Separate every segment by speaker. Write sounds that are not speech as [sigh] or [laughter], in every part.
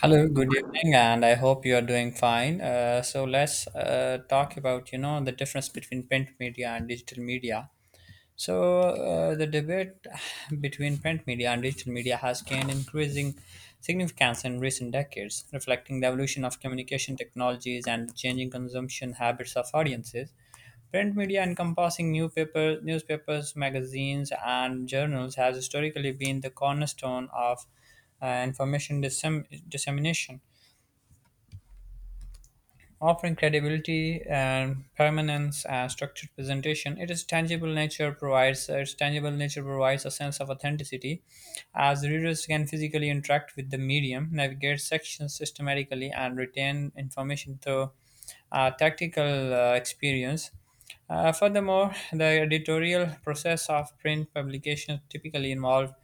Speaker 1: Hello, good evening, and I hope you are doing fine. So let's talk about the difference between print media and digital media. So the debate [sighs] between print media and digital media has gained increasing significance in recent decades, reflecting the evolution of communication technologies and the changing consumption habits of audiences. Print media encompassing newspapers, magazines, and journals has historically been the cornerstone of information dissemination, offering credibility and permanence as structured presentation. It is tangible nature provides its tangible nature provides a sense of authenticity, as readers can physically interact with the medium, navigate sections systematically, and retain information through tactical experience. Furthermore, the editorial process of print publications typically involve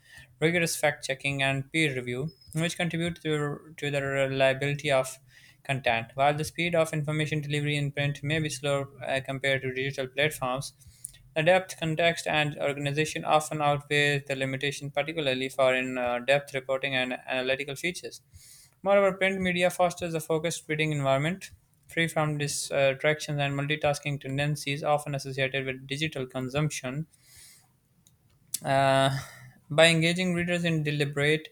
Speaker 1: rigorous fact checking and peer review, which contribute to the reliability of content. While the speed of information delivery in print may be slower compared to digital platforms, the depth, context, and organization often outweigh the limitation, particularly for in depth reporting and analytical features. Moreover, print media fosters a focused reading environment, free from distractions and multitasking tendencies often associated with digital consumption. Uh, by engaging readers in deliberate,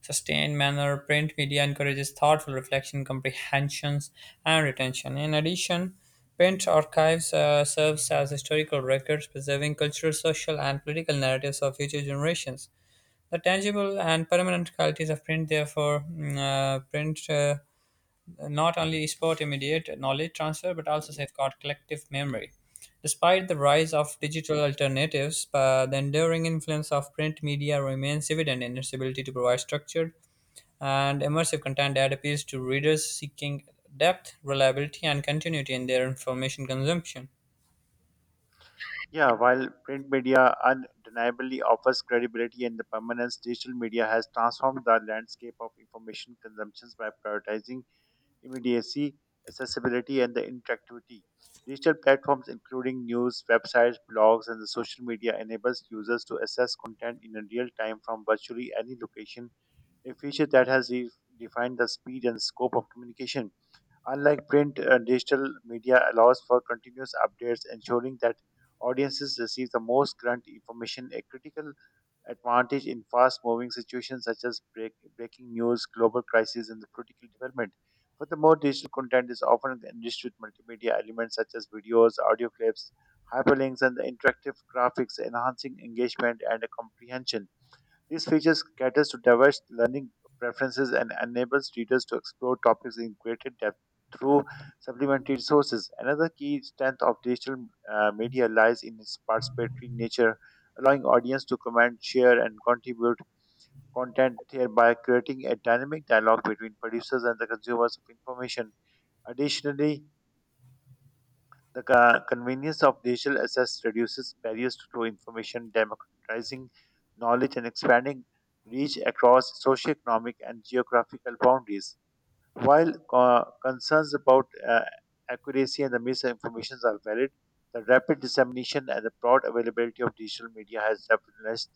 Speaker 1: sustained manner, print media encourages thoughtful reflection, comprehensions, and retention. In addition, print archives serves as historical records, preserving cultural, social, and political narratives of future generations. The tangible and permanent qualities of print, not only spurred immediate knowledge transfer but also safeguard collective memory. Despite the rise of digital alternatives, the enduring influence of print media remains evident in its ability to provide structured and immersive content that appeals to readers seeking depth, reliability, and continuity in their information consumption.
Speaker 2: Yeah, while print media undeniably offers credibility and the permanence, digital media has transformed the landscape of information consumptions by prioritizing immediacy, accessibility, and the interactivity. Digital platforms, including news, websites, blogs, and the social media, enables users to access content in a real time from virtually any location, a feature that has redefined the speed and scope of communication. Unlike print, digital media allows for continuous updates, ensuring that audiences receive the most current information, a critical advantage in fast moving situations such as breaking news, global crises, and the political development. Furthermore, digital content is often enriched with multimedia elements such as videos, audio clips, hyperlinks, and the interactive graphics, enhancing engagement and comprehension. These features caters to diverse learning preferences and enables readers to explore topics in greater depth through supplementary resources. Another key strength of digital media lies in its participatory nature, allowing audience to comment, share, and contribute content, thereby creating a dynamic dialogue between producers and the consumers of information. Additionally, the convenience of digital access reduces barriers to information, democratizing knowledge and expanding reach across socioeconomic and geographical boundaries. While concerns about accuracy and the misinformation are valid, the rapid dissemination and the broad availability of digital media has revolutionized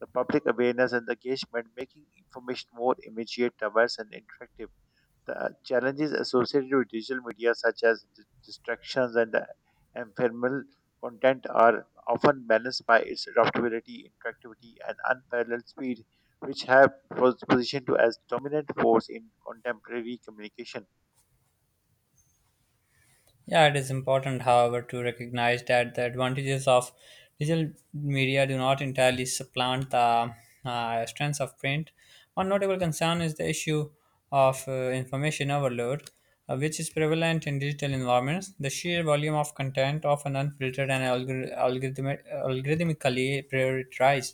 Speaker 2: the public awareness and engagement, making information more immediate, diverse, and interactive. The challenges associated with digital media, such as distractions and the ephemeral content, are often balanced by its adaptability, interactivity, and unparalleled speed, which have positioned to as dominant force in contemporary communication.
Speaker 1: Yeah, it is important, however, to recognize that the advantages of digital media do not entirely supplant the strengths of print. One notable concern is the issue of information overload, which is prevalent in digital environments. The sheer volume of content, often unfiltered and algorithmically prioritized,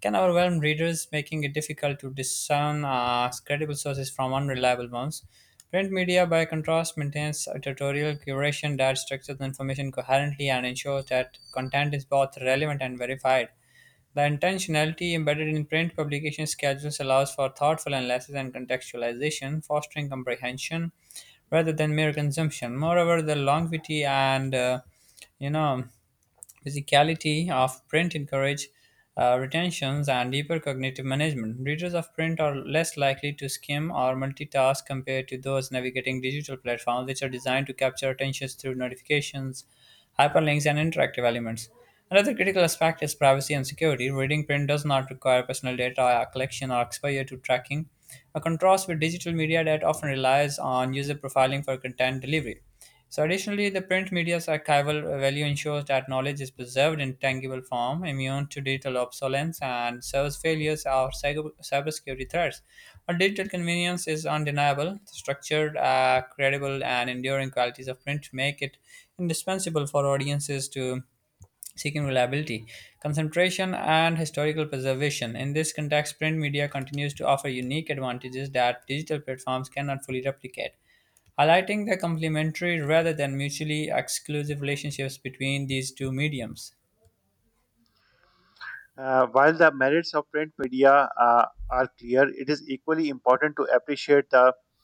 Speaker 1: can overwhelm readers, making it difficult to discern credible sources from unreliable ones. Print media, by contrast, maintains editorial curation that structures information coherently and ensures that content is both relevant and verified. The intentionality embedded in print publication schedules allows for thoughtful analysis and contextualization, fostering comprehension rather than mere consumption. Moreover, the longevity and you know physicality of print encourage retentions and deeper cognitive management. Readers of print are less likely to skim or multitask compared to those navigating digital platforms, which are designed to capture attention through notifications, hyperlinks, and interactive elements. Another critical aspect is privacy and security. Reading print does not require personal data collection or exposure to tracking, a contrast with digital media that often relies on user profiling for content delivery. So additionally, the print media's archival value ensures that knowledge is preserved in tangible form, immune to digital obsolescence and service failures or cybersecurity threats. While digital convenience is undeniable, the structured, credible, and enduring qualities of print make it indispensable for audiences to seeking reliability, concentration, and historical preservation. In this context, print media continues to offer unique advantages that digital platforms cannot fully replicate, highlighting the complementary rather than mutually exclusive relationships between these two mediums.
Speaker 2: While the merits of print media are clear, it is equally important to appreciate the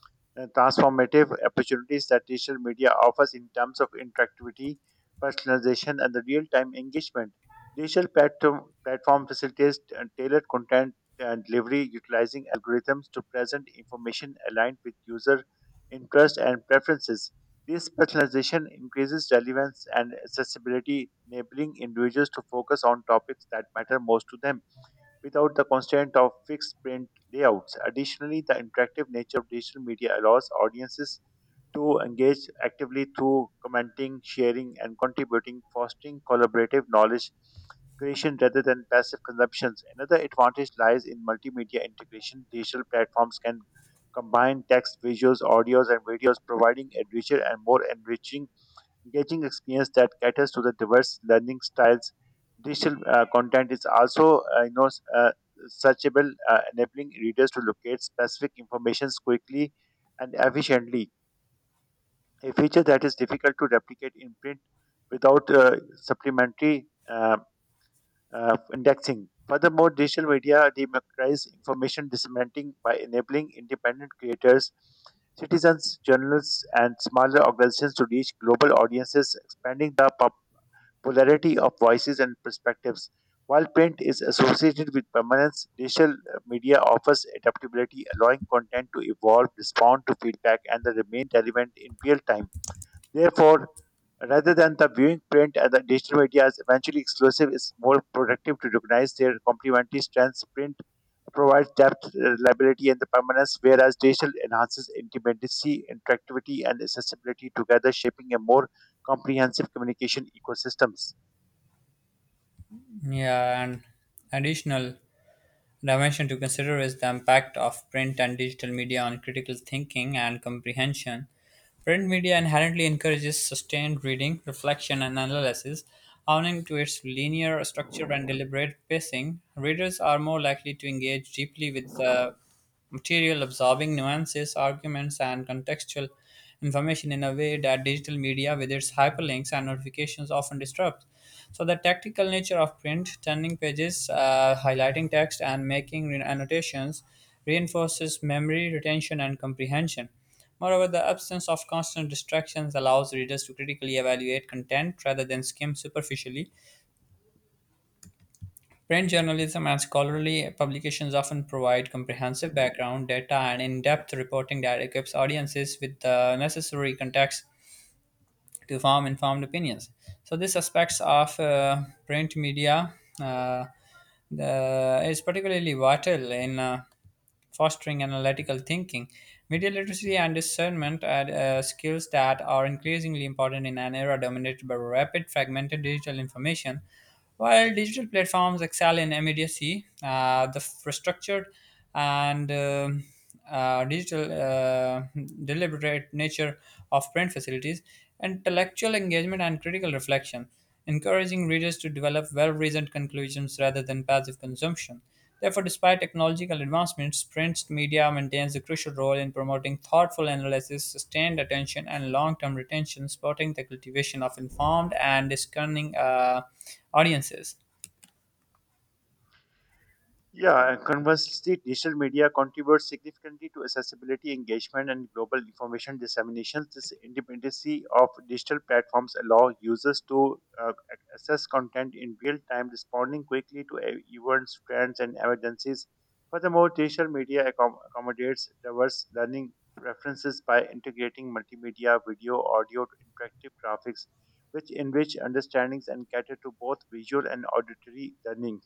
Speaker 2: transformative opportunities that digital media offers in terms of interactivity, personalization, and the real time engagement. Digital platform facilitates tailored content and delivery utilizing algorithms to present information aligned with user interest and preferences. This personalization increases relevance and accessibility, enabling individuals to focus on topics that matter most to them without the constraint of fixed print layouts. Additionally, the interactive nature of digital media allows audiences to engage actively through commenting, sharing, and contributing, fostering collaborative knowledge creation rather than passive consumptions. Another advantage lies in multimedia integration. Digital platforms can combine text, visuals, audios, and videos, providing a richer and more enriching engaging experience that caters to the diverse learning styles. Digital content is also searchable, enabling readers to locate specific informations quickly and efficiently, a feature that is difficult to replicate in print without supplementary indexing. Furthermore, digital media democratize information disseminating by enabling independent creators, citizens, journalists, and smaller organizations to reach global audiences, expanding the polarity of voices and perspectives. While print is associated with permanence, digital media offers adaptability, allowing content to evolve, respond to feedback, and the remain relevant in real time. Therefore, rather than the viewing print and the digital media as eventually exclusive, it's more productive to recognize their complementary strengths. Print provides depth, reliability, and the permanence, whereas digital enhances intimacy, interactivity, and accessibility, together shaping a more comprehensive communication ecosystems.
Speaker 1: Yeah, and additional dimension to consider is the impact of print and digital media on critical thinking and comprehension. Print media inherently encourages sustained reading, reflection, and analysis. Owing to its linear structure and deliberate pacing, readers are more likely to engage deeply with the material, absorbing nuances, arguments, and contextual information in a way that digital media, with its hyperlinks and notifications, often disrupts. So, the tactical nature of print, turning pages, highlighting text, and making annotations reinforces memory, retention, and comprehension. Moreover, the absence of constant distractions allows readers to critically evaluate content rather than skim superficially. Print journalism and scholarly publications often provide comprehensive background data and in depth reporting that equips audiences with the necessary context to form informed opinions. So these aspects of print media uh, the, is particularly vital in fostering analytical thinking. Media literacy and discernment are skills that are increasingly important in an era dominated by rapid, fragmented digital information. While digital platforms excel in immediacy, structured and digital deliberate nature of print facilities, intellectual engagement, and critical reflection, encouraging readers to develop well reasoned conclusions rather than passive consumption. Therefore, despite technological advancements, print media maintains a crucial role in promoting thoughtful analysis, sustained attention, and long term retention, supporting the cultivation of informed and discerning audiences.
Speaker 2: Yeah, and conversely, digital media contributes significantly to accessibility, engagement, and global information dissemination. This independency of digital platforms allow users to access content in real time, responding quickly to events, trends, and emergencies. Furthermore, digital media accommodates diverse learning preferences by integrating multimedia, video, audio, interactive graphics, which enrich understandings and cater to both visual and auditory learning.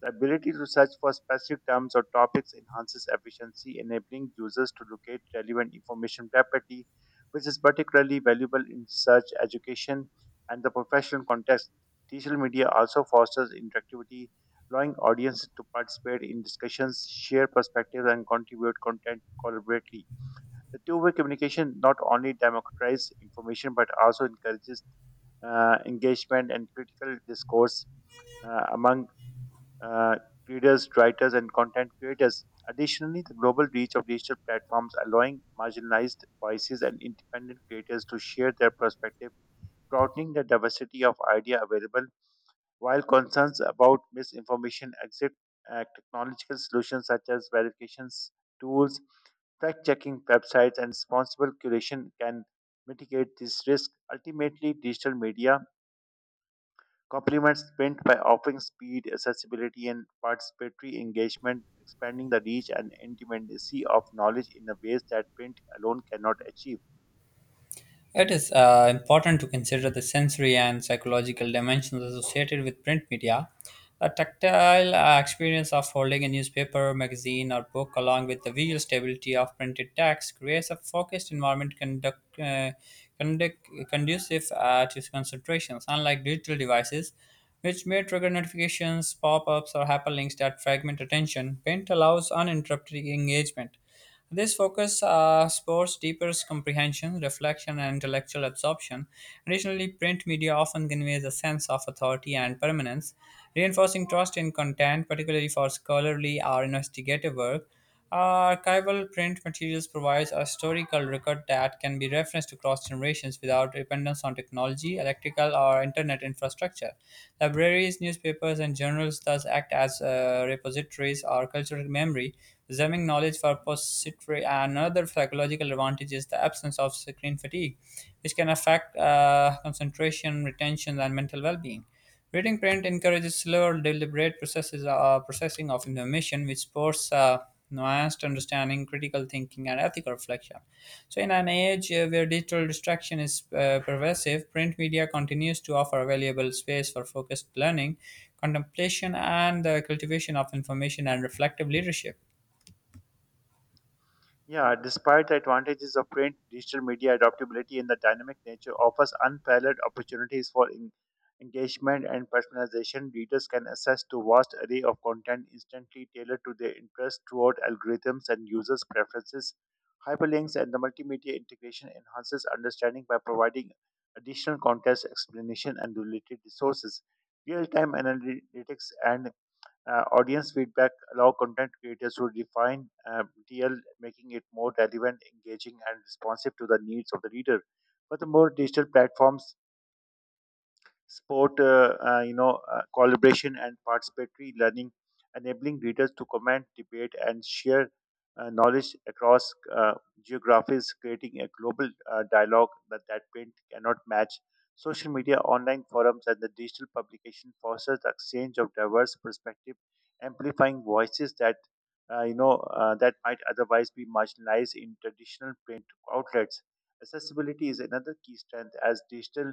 Speaker 2: The ability to search for specific terms or topics enhances efficiency, enabling users to locate relevant information rapidly, which is particularly valuable in search, education, and the professional context. Digital media also fosters interactivity, allowing audiences to participate in discussions, share perspectives, and contribute content collaboratively. The two-way communication not only democratizes information but also encourages engagement and critical discourse among uh, readers, writers, and content creators. Additionally, the global reach of digital platforms allowing marginalized voices and independent creators to share their perspective, broadening the diversity of idea available. While concerns about misinformation exist, technological solutions such as verifications tools, fact-checking websites, and responsible curation can mitigate this risk. Ultimately, digital media Complements Sprint by offering speed, accessibility, and participatory engagement, expanding the reach and intimacy of knowledge in a ways that print alone cannot achieve.
Speaker 1: It is important to consider the sensory and psychological dimensions associated with print media. The tactile experience of holding a newspaper, magazine, or book, along with the visual stability of printed text, creates a focused environment conducive to concentrations. Unlike digital devices, which may trigger notifications, pop ups, or hyperlinks that fragment attention, print allows uninterrupted engagement. This focus spurs deeper comprehension, reflection, and intellectual absorption. Additionally, print media often conveys a sense of authority and permanence, reinforcing trust in content, particularly for scholarly or investigative work. Archival print materials provides a historical record that can be referenced across generations without dependence on technology, electrical, or internet infrastructure. Libraries, newspapers, and journals thus act as repositories or cultural memory, preserving knowledge for posterity. Another psychological advantage is the absence of screen fatigue, which can affect concentration, retention, and mental well-being. Reading print encourages slower, deliberate processing of information, which supports nuanced understanding, critical thinking, and ethical reflection. So, in an age where digital distraction is pervasive, print media continues to offer a valuable space for focused learning, contemplation, and the cultivation of information and reflective leadership.
Speaker 2: Yeah, despite the advantages of print, digital media adaptability and the dynamic nature offers unparalleled opportunities for engagement and personalization. Readers can access to vast array of content instantly tailored to their interests throughout algorithms and users' preferences. Hyperlinks and the multimedia integration enhances understanding by providing additional context, explanation, and related resources. Real-time analytics and audience feedback allow content creators to refine DL, making it more relevant, engaging, and responsive to the needs of the reader. Furthermore, digital platforms sport collaboration and participatory learning, enabling readers to comment, debate, and share knowledge across geographies, creating a global dialogue that print cannot match. Social media, online forums, and the digital publication fosters the exchange of diverse perspectives, amplifying voices that that might otherwise be marginalized in traditional print outlets. Accessibility is another key strength as digital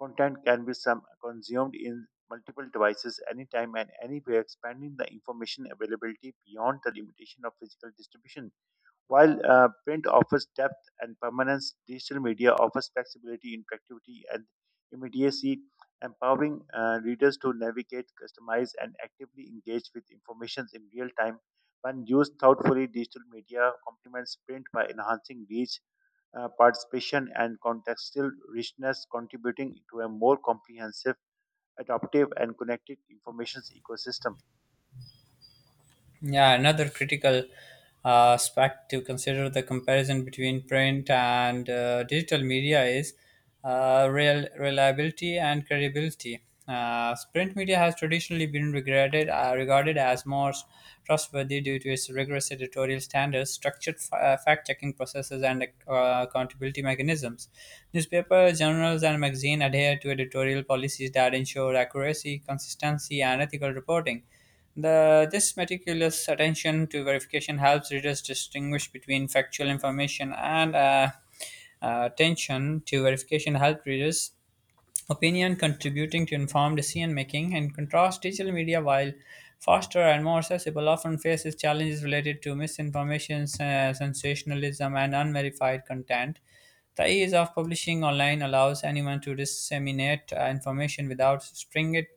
Speaker 2: Content can be some consumed in multiple devices anytime and anywhere, expanding the information availability beyond the limitation of physical distribution. While print offers depth and permanence, digital media offers flexibility, interactivity, and immediacy, empowering readers to navigate, customize, and actively engage with information in real time. When used thoughtfully, digital media complements print by enhancing reach, participation and contextual richness contributing to a more comprehensive, adaptive, and connected information ecosystem.
Speaker 1: Yeah, another critical aspect to consider the comparison between print and digital media is real reliability and credibility. Print media has traditionally been regarded as more trustworthy due to its rigorous editorial standards, structured fact-checking processes, and accountability mechanisms. Newspapers, journals, and magazines adhere to editorial policies that ensure accuracy, consistency, and ethical reporting. This meticulous attention to verification helps readers distinguish between factual information and attention to verification help readers opinion, contributing to informed decision making. In contrast, digital media, while faster and more accessible, often faces challenges related to misinformation, sensationalism, and unverified content. The ease of publishing online allows anyone to disseminate information without stringent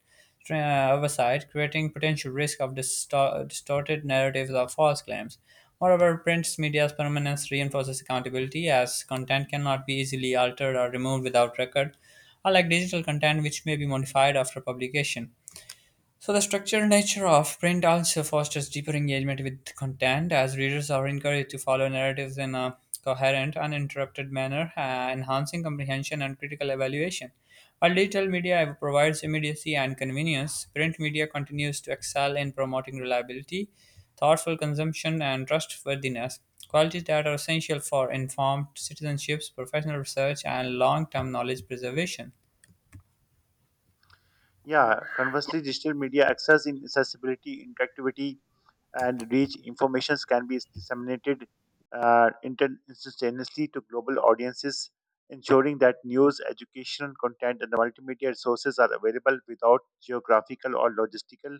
Speaker 1: oversight, creating potential risk of distorted narratives or false claims. Moreover, print media's permanence reinforces accountability as content cannot be easily altered or removed without record, unlike digital content, which may be modified after publication. So the structured nature of print also fosters deeper engagement with content, as readers are encouraged to follow narratives in a coherent, uninterrupted manner, enhancing comprehension and critical evaluation. While digital media provides immediacy and convenience, print media continues to excel in promoting reliability, thoughtful consumption, and trustworthiness, qualities that are essential for informed citizenships, professional research, and long-term knowledge preservation.
Speaker 2: Yeah, conversely, digital media access in accessibility, interactivity, and reach informations can be disseminated inter- instantaneously to global audiences, ensuring that news, educational content, and multimedia resources are available without geographical or logistical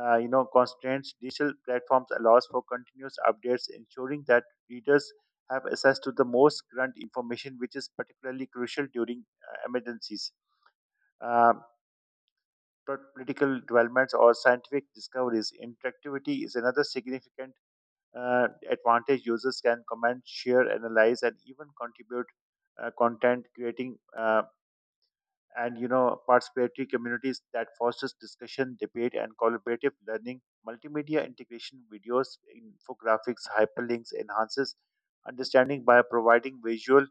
Speaker 2: you know constraints digital platforms allows for continuous updates ensuring that readers have access to the most current information which is particularly crucial during emergencies uh, pro- political developments or scientific discoveries interactivity is another significant advantage users can comment share analyze and even contribute content creating and you know participatory communities that fosters discussion debate and collaborative learning multimedia integration videos infographics hyperlinks enhances understanding by providing visual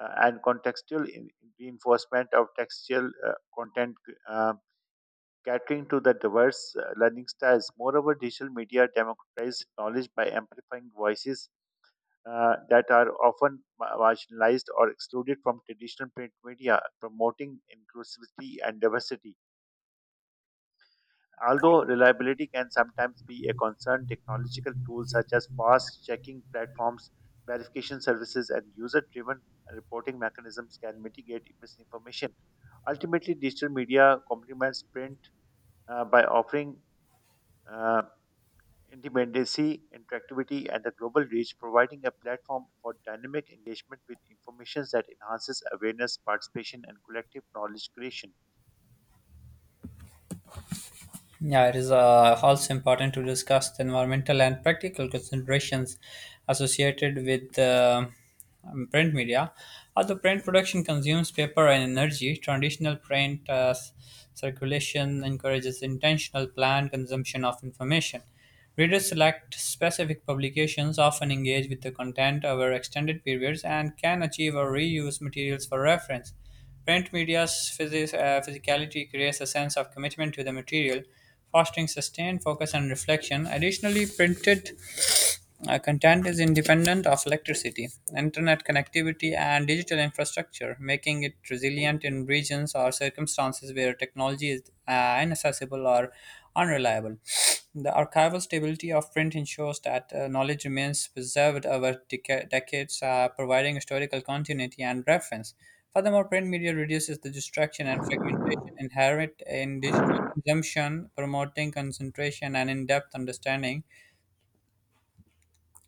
Speaker 2: and contextual in- reinforcement of textual content uh, catering to the diverse learning styles moreover digital media democratizes knowledge by amplifying voices that are often ma- marginalized or excluded from traditional print media, promoting inclusivity and diversity. Although reliability can sometimes be a concern, technological tools such as fast checking platforms, verification services, and user driven reporting mechanisms can mitigate misinformation. Ultimately, digital media complements print by offering uh, independency, interactivity, and a global reach, providing a platform for dynamic engagement with information that enhances awareness, participation, and collective knowledge creation.
Speaker 1: Yeah, it is also important to discuss the environmental and practical considerations associated with print media. Although print production consumes paper and energy, traditional print circulation encourages intentional planned consumption of information. Readers select specific publications, often engage with the content over extended periods, and can achieve or reuse materials for reference. Print media's physicality creates a sense of commitment to the material, fostering sustained focus and reflection. Additionally, printed content is independent of electricity, internet connectivity, and digital infrastructure, making it resilient in regions or circumstances where technology is inaccessible or unreliable. The archival stability of print ensures that knowledge remains preserved over decades, providing historical continuity and reference. Furthermore, print media reduces the distraction and fragmentation inherent in digital consumption, promoting concentration and in depth understanding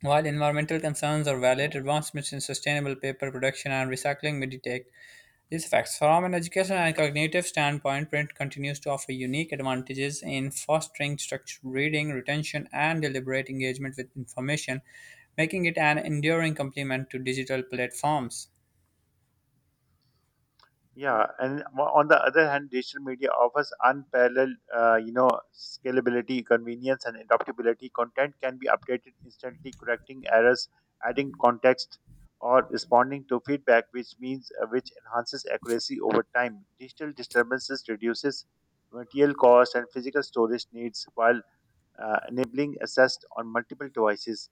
Speaker 1: while environmental concerns are valid, advancements in sustainable paper production and recycling mitigate these effects. From an educational and cognitive standpoint, print continues to offer unique advantages in fostering structured reading, retention, and deliberate engagement with information, making it an enduring complement to digital platforms.
Speaker 2: Yeah, and on the other hand, digital media offers unparalleled, scalability, convenience, and adaptability. Content can be updated instantly, correcting errors, adding context, or responding to feedback, which enhances accuracy over time. Digital disturbances reduces material cost and physical storage needs while enabling access on multiple devices.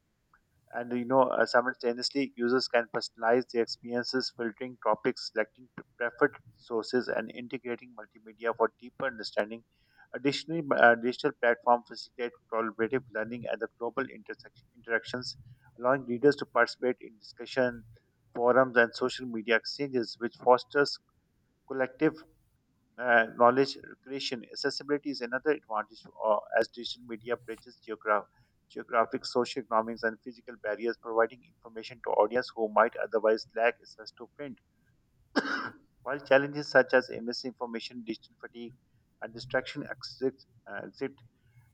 Speaker 2: Simultaneously, users can personalize their experiences, filtering topics, selecting preferred sources, and integrating multimedia for deeper understanding. Additionally, digital platforms facilitate collaborative learning at the global intersection, interactions, allowing readers to participate in discussion forums and social media exchanges, which fosters collective knowledge creation. Accessibility is another advantage as digital media bridges geographic, socioeconomics, and physical barriers, providing information to audience who might otherwise lack access to print. While challenges such as misinformation, digital fatigue, and distraction exist,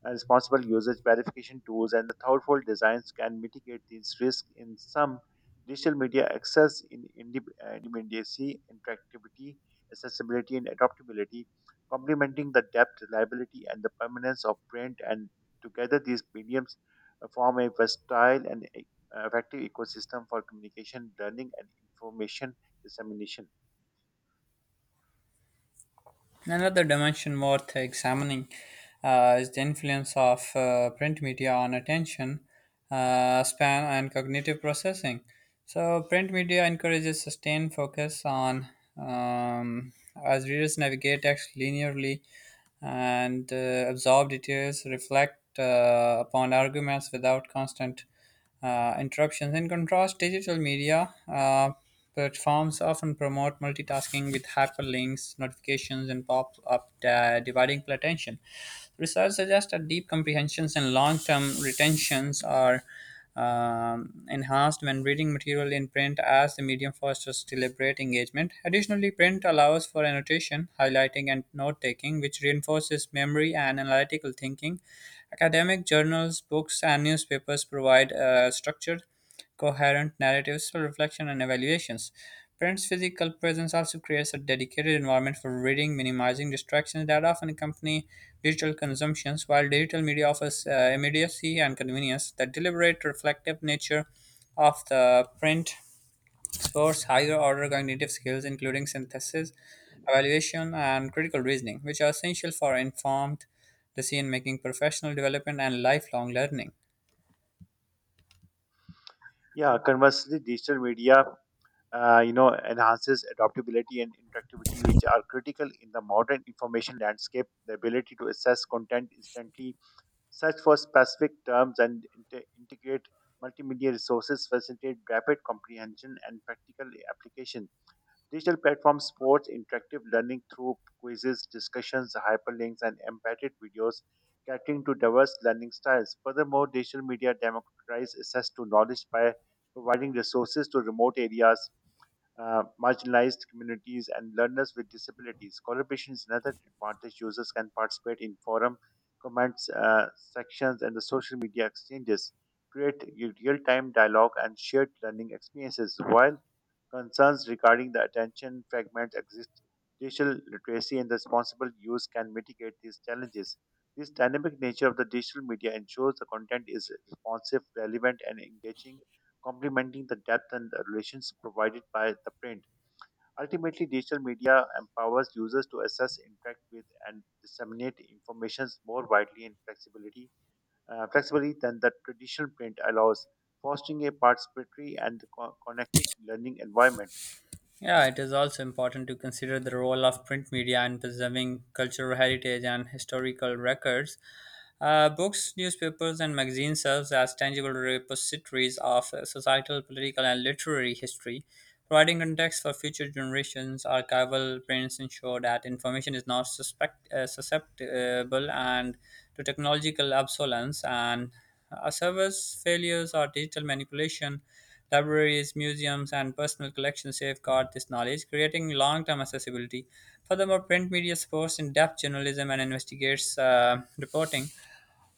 Speaker 2: and responsible usage, verification tools, and the thoughtful designs can mitigate these risks in some digital media access in immediacy, interactivity, accessibility, and adaptability, complementing the depth, reliability, and the permanence of print. And together, these mediums form a versatile and effective ecosystem for communication, learning, and information dissemination.
Speaker 1: Another dimension worth examining is the influence of print media on attention span and cognitive processing. So, print media encourages sustained focus on um, as readers navigate text linearly and absorb details, reflect upon arguments without constant interruptions. In contrast, digital media platforms often promote multitasking with hyperlinks, notifications, and pop up dividing attention. Research suggests that deep comprehensions and long term retentions are enhanced when reading material in print as the medium fosters deliberate engagement. Additionally, print allows for annotation, highlighting, and note taking, which reinforces memory and analytical thinking. Academic journals, books, and newspapers provide structure coherent narratives for reflection and evaluations. Print's physical presence also creates a dedicated environment for reading, minimizing distractions that often accompany digital consumptions, while digital media offers immediacy and convenience. The deliberate, reflective nature of the print stores higher order cognitive skills, including synthesis, evaluation, and critical reasoning, which are essential for informed decision making, professional development, and lifelong learning.
Speaker 2: Yeah, conversely, digital media enhances adaptability and interactivity, which are critical in the modern information landscape. The ability to assess content instantly, search for specific terms, and integrate multimedia resources facilitate rapid comprehension and practical application. Digital platforms support interactive learning through quizzes, discussions, hyperlinks, and embedded videos, catering to diverse learning styles. Furthermore, digital media democratize access to knowledge by providing resources to remote areas marginalized communities, and learners with disabilities. Collaboration is another advantage. Users can participate in forum, comments, sections, and the social media exchanges, create real time dialogue and shared learning experiences. While Concerns regarding the attention fragment exist. Digital literacy and responsible use can mitigate these challenges. This dynamic nature of the digital media ensures the content is responsive, relevant, and engaging, complementing the depth and the relations provided by the print. Ultimately, digital media empowers users to assess, interact with, and disseminate information more widely and flexibility, flexibly than the traditional print allows, fostering a participatory and connected learning environment.
Speaker 1: Yeah, it is also important to consider the role of print media in preserving cultural heritage and historical records. Books, newspapers, and magazines serve as tangible repositories of societal, political, and literary history, providing context for future generations. Archival prints ensure that information is not suspect, susceptible and to technological obsolescence and service failures or digital manipulation. Libraries, museums, and personal collections safeguard this knowledge, creating long-term accessibility. Furthermore, print media supports in-depth journalism and investigates reporting,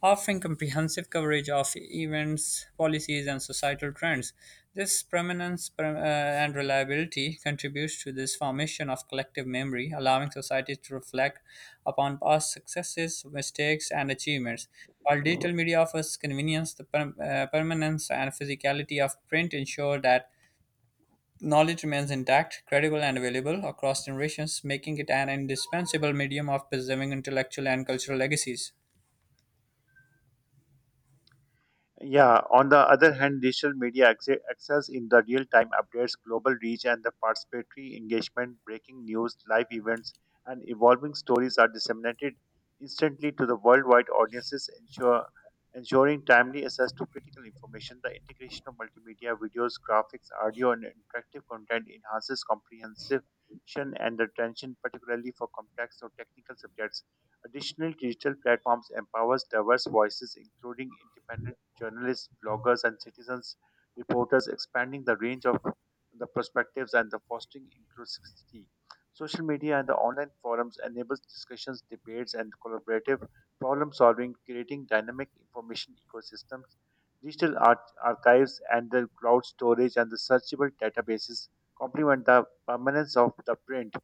Speaker 1: offering comprehensive coverage of events, policies, and societal trends. This prominence and reliability contributes to this formation of collective memory, allowing societies to reflect upon past successes, mistakes, and achievements. While digital media offers convenience, the permanence and physicality of print ensure that knowledge remains intact, credible, and available across generations, making it an indispensable medium of preserving intellectual and cultural legacies.
Speaker 2: Yeah, on the other hand, digital media excels in the real time updates, global reach, and the participatory engagement. Breaking news, live events, and evolving stories are disseminated instantly to the worldwide audiences, ensuring timely access to critical information. The integration of multimedia, videos, graphics, audio, and interactive content enhances comprehension and attention, particularly for complex or technical subjects. Additional digital platforms empowers diverse voices, including independent journalists, bloggers, and citizens reporters, expanding the range of the perspectives and the fostering inclusivity. Social media and the online forums enables discussions, debates, and collaborative problem solving, creating dynamic information ecosystems. Digital art archives and the cloud storage and the searchable databases complement the permanence of the print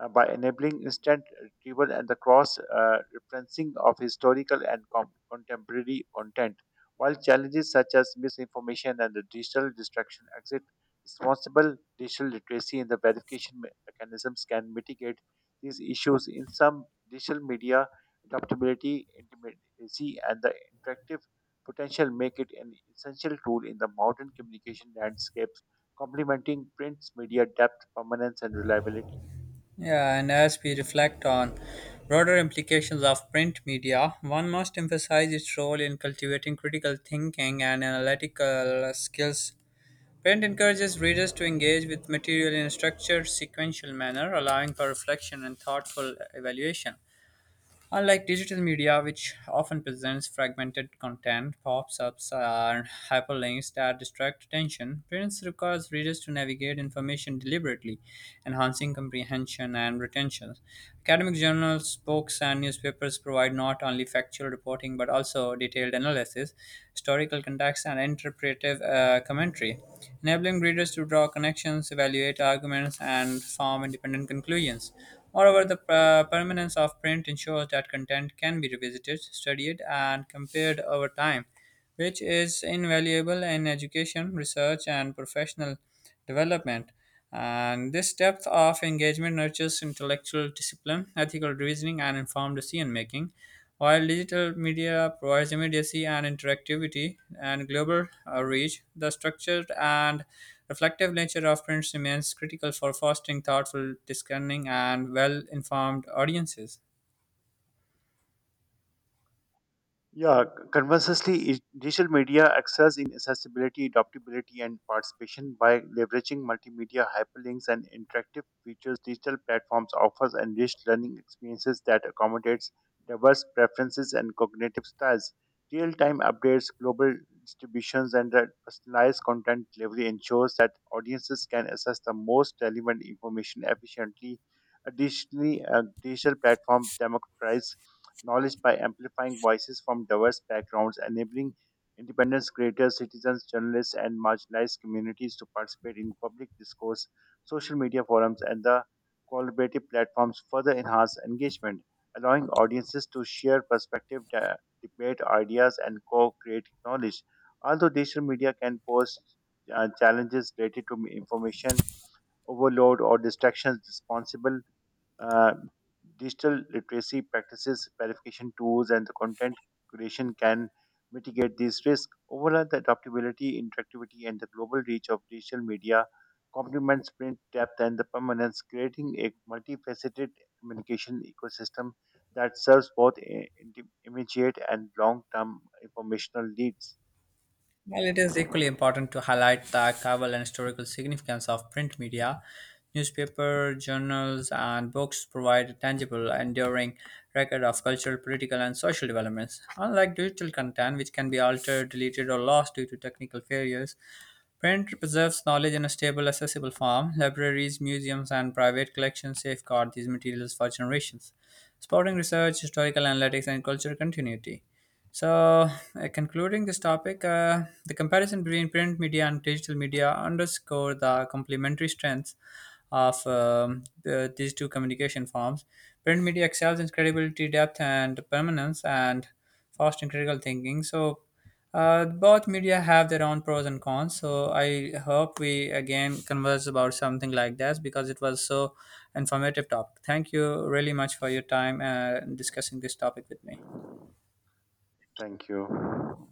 Speaker 2: by enabling instant retrieval and the cross referencing of historical and contemporary content. While challenges such as misinformation and the digital distraction exist, responsible digital literacy and the verification mechanisms can mitigate these issues. In some digital media, adaptability, intimacy, and the interactive potential make it an essential tool in the modern communication landscapes, complementing print's media depth, permanence, and reliability.
Speaker 1: Yeah, and as we reflect on broader implications of print media, one must emphasize its role in cultivating critical thinking and analytical skills. Print encourages readers to engage with material in a structured, sequential manner, allowing for reflection and thoughtful evaluation. Unlike digital media, which often presents fragmented content, pop ups, and hyperlinks that distract attention, print requires readers to navigate information deliberately, enhancing comprehension and retention. Academic journals, books, and newspapers provide not only factual reporting but also detailed analysis, historical context, and interpretive commentary, enabling readers to draw connections, evaluate arguments, and form independent conclusions. Moreover, the permanence of print ensures that content can be revisited, studied, and compared over time, which is invaluable in education, research, and professional development. And this depth of engagement nurtures intellectual discipline, ethical reasoning, and informed decision making. While digital media provides immediacy and interactivity and global reach, the structured and reflective nature of print remains critical for fostering thoughtful, discerning, and well informed audiences.
Speaker 2: Yeah, conversely, digital media excels in accessibility, adaptability, and participation by leveraging multimedia hyperlinks and interactive features. Digital platforms offers enriched learning experiences that accommodates diverse preferences and cognitive styles. Real-time updates, global distributions, and the personalized content delivery ensures that audiences can access the most relevant information efficiently. Additionally, a digital platform democratize knowledge by amplifying voices from diverse backgrounds, enabling independent creators, citizens, journalists, and marginalized communities to participate in public discourse, social media forums, and the collaborative platforms further enhance engagement, allowing audiences to share perspective, debate ideas, and co-create knowledge. Although digital media can pose challenges related to information overload or distractions responsible uh, digital literacy practices, verification tools, and the content creation can mitigate these risks. Overall, the adaptability, interactivity, and the global reach of digital media complements print depth and the permanence, creating a multifaceted communication ecosystem that serves both immediate and long-term informational needs.
Speaker 1: While it is equally important to highlight the archival and historical significance of print media, newspaper, journals, and books provide a tangible, enduring record of cultural, political, and social developments. Unlike digital content, which can be altered, deleted, or lost due to technical failures, print preserves knowledge in a stable, accessible form. Libraries, museums, and private collections safeguard these materials for generations supporting research, historical analytics, and cultural continuity. So, concluding this topic, the comparison between print media and digital media underscore the complementary strengths of these two communication forms. Print media excels in credibility, depth, and permanence, and fostering critical thinking. So, both media have their own pros and cons. So, I hope we again converse about something like that because it was so informative topic. Thank you really much for your time discussing this topic with me.
Speaker 2: Thank you.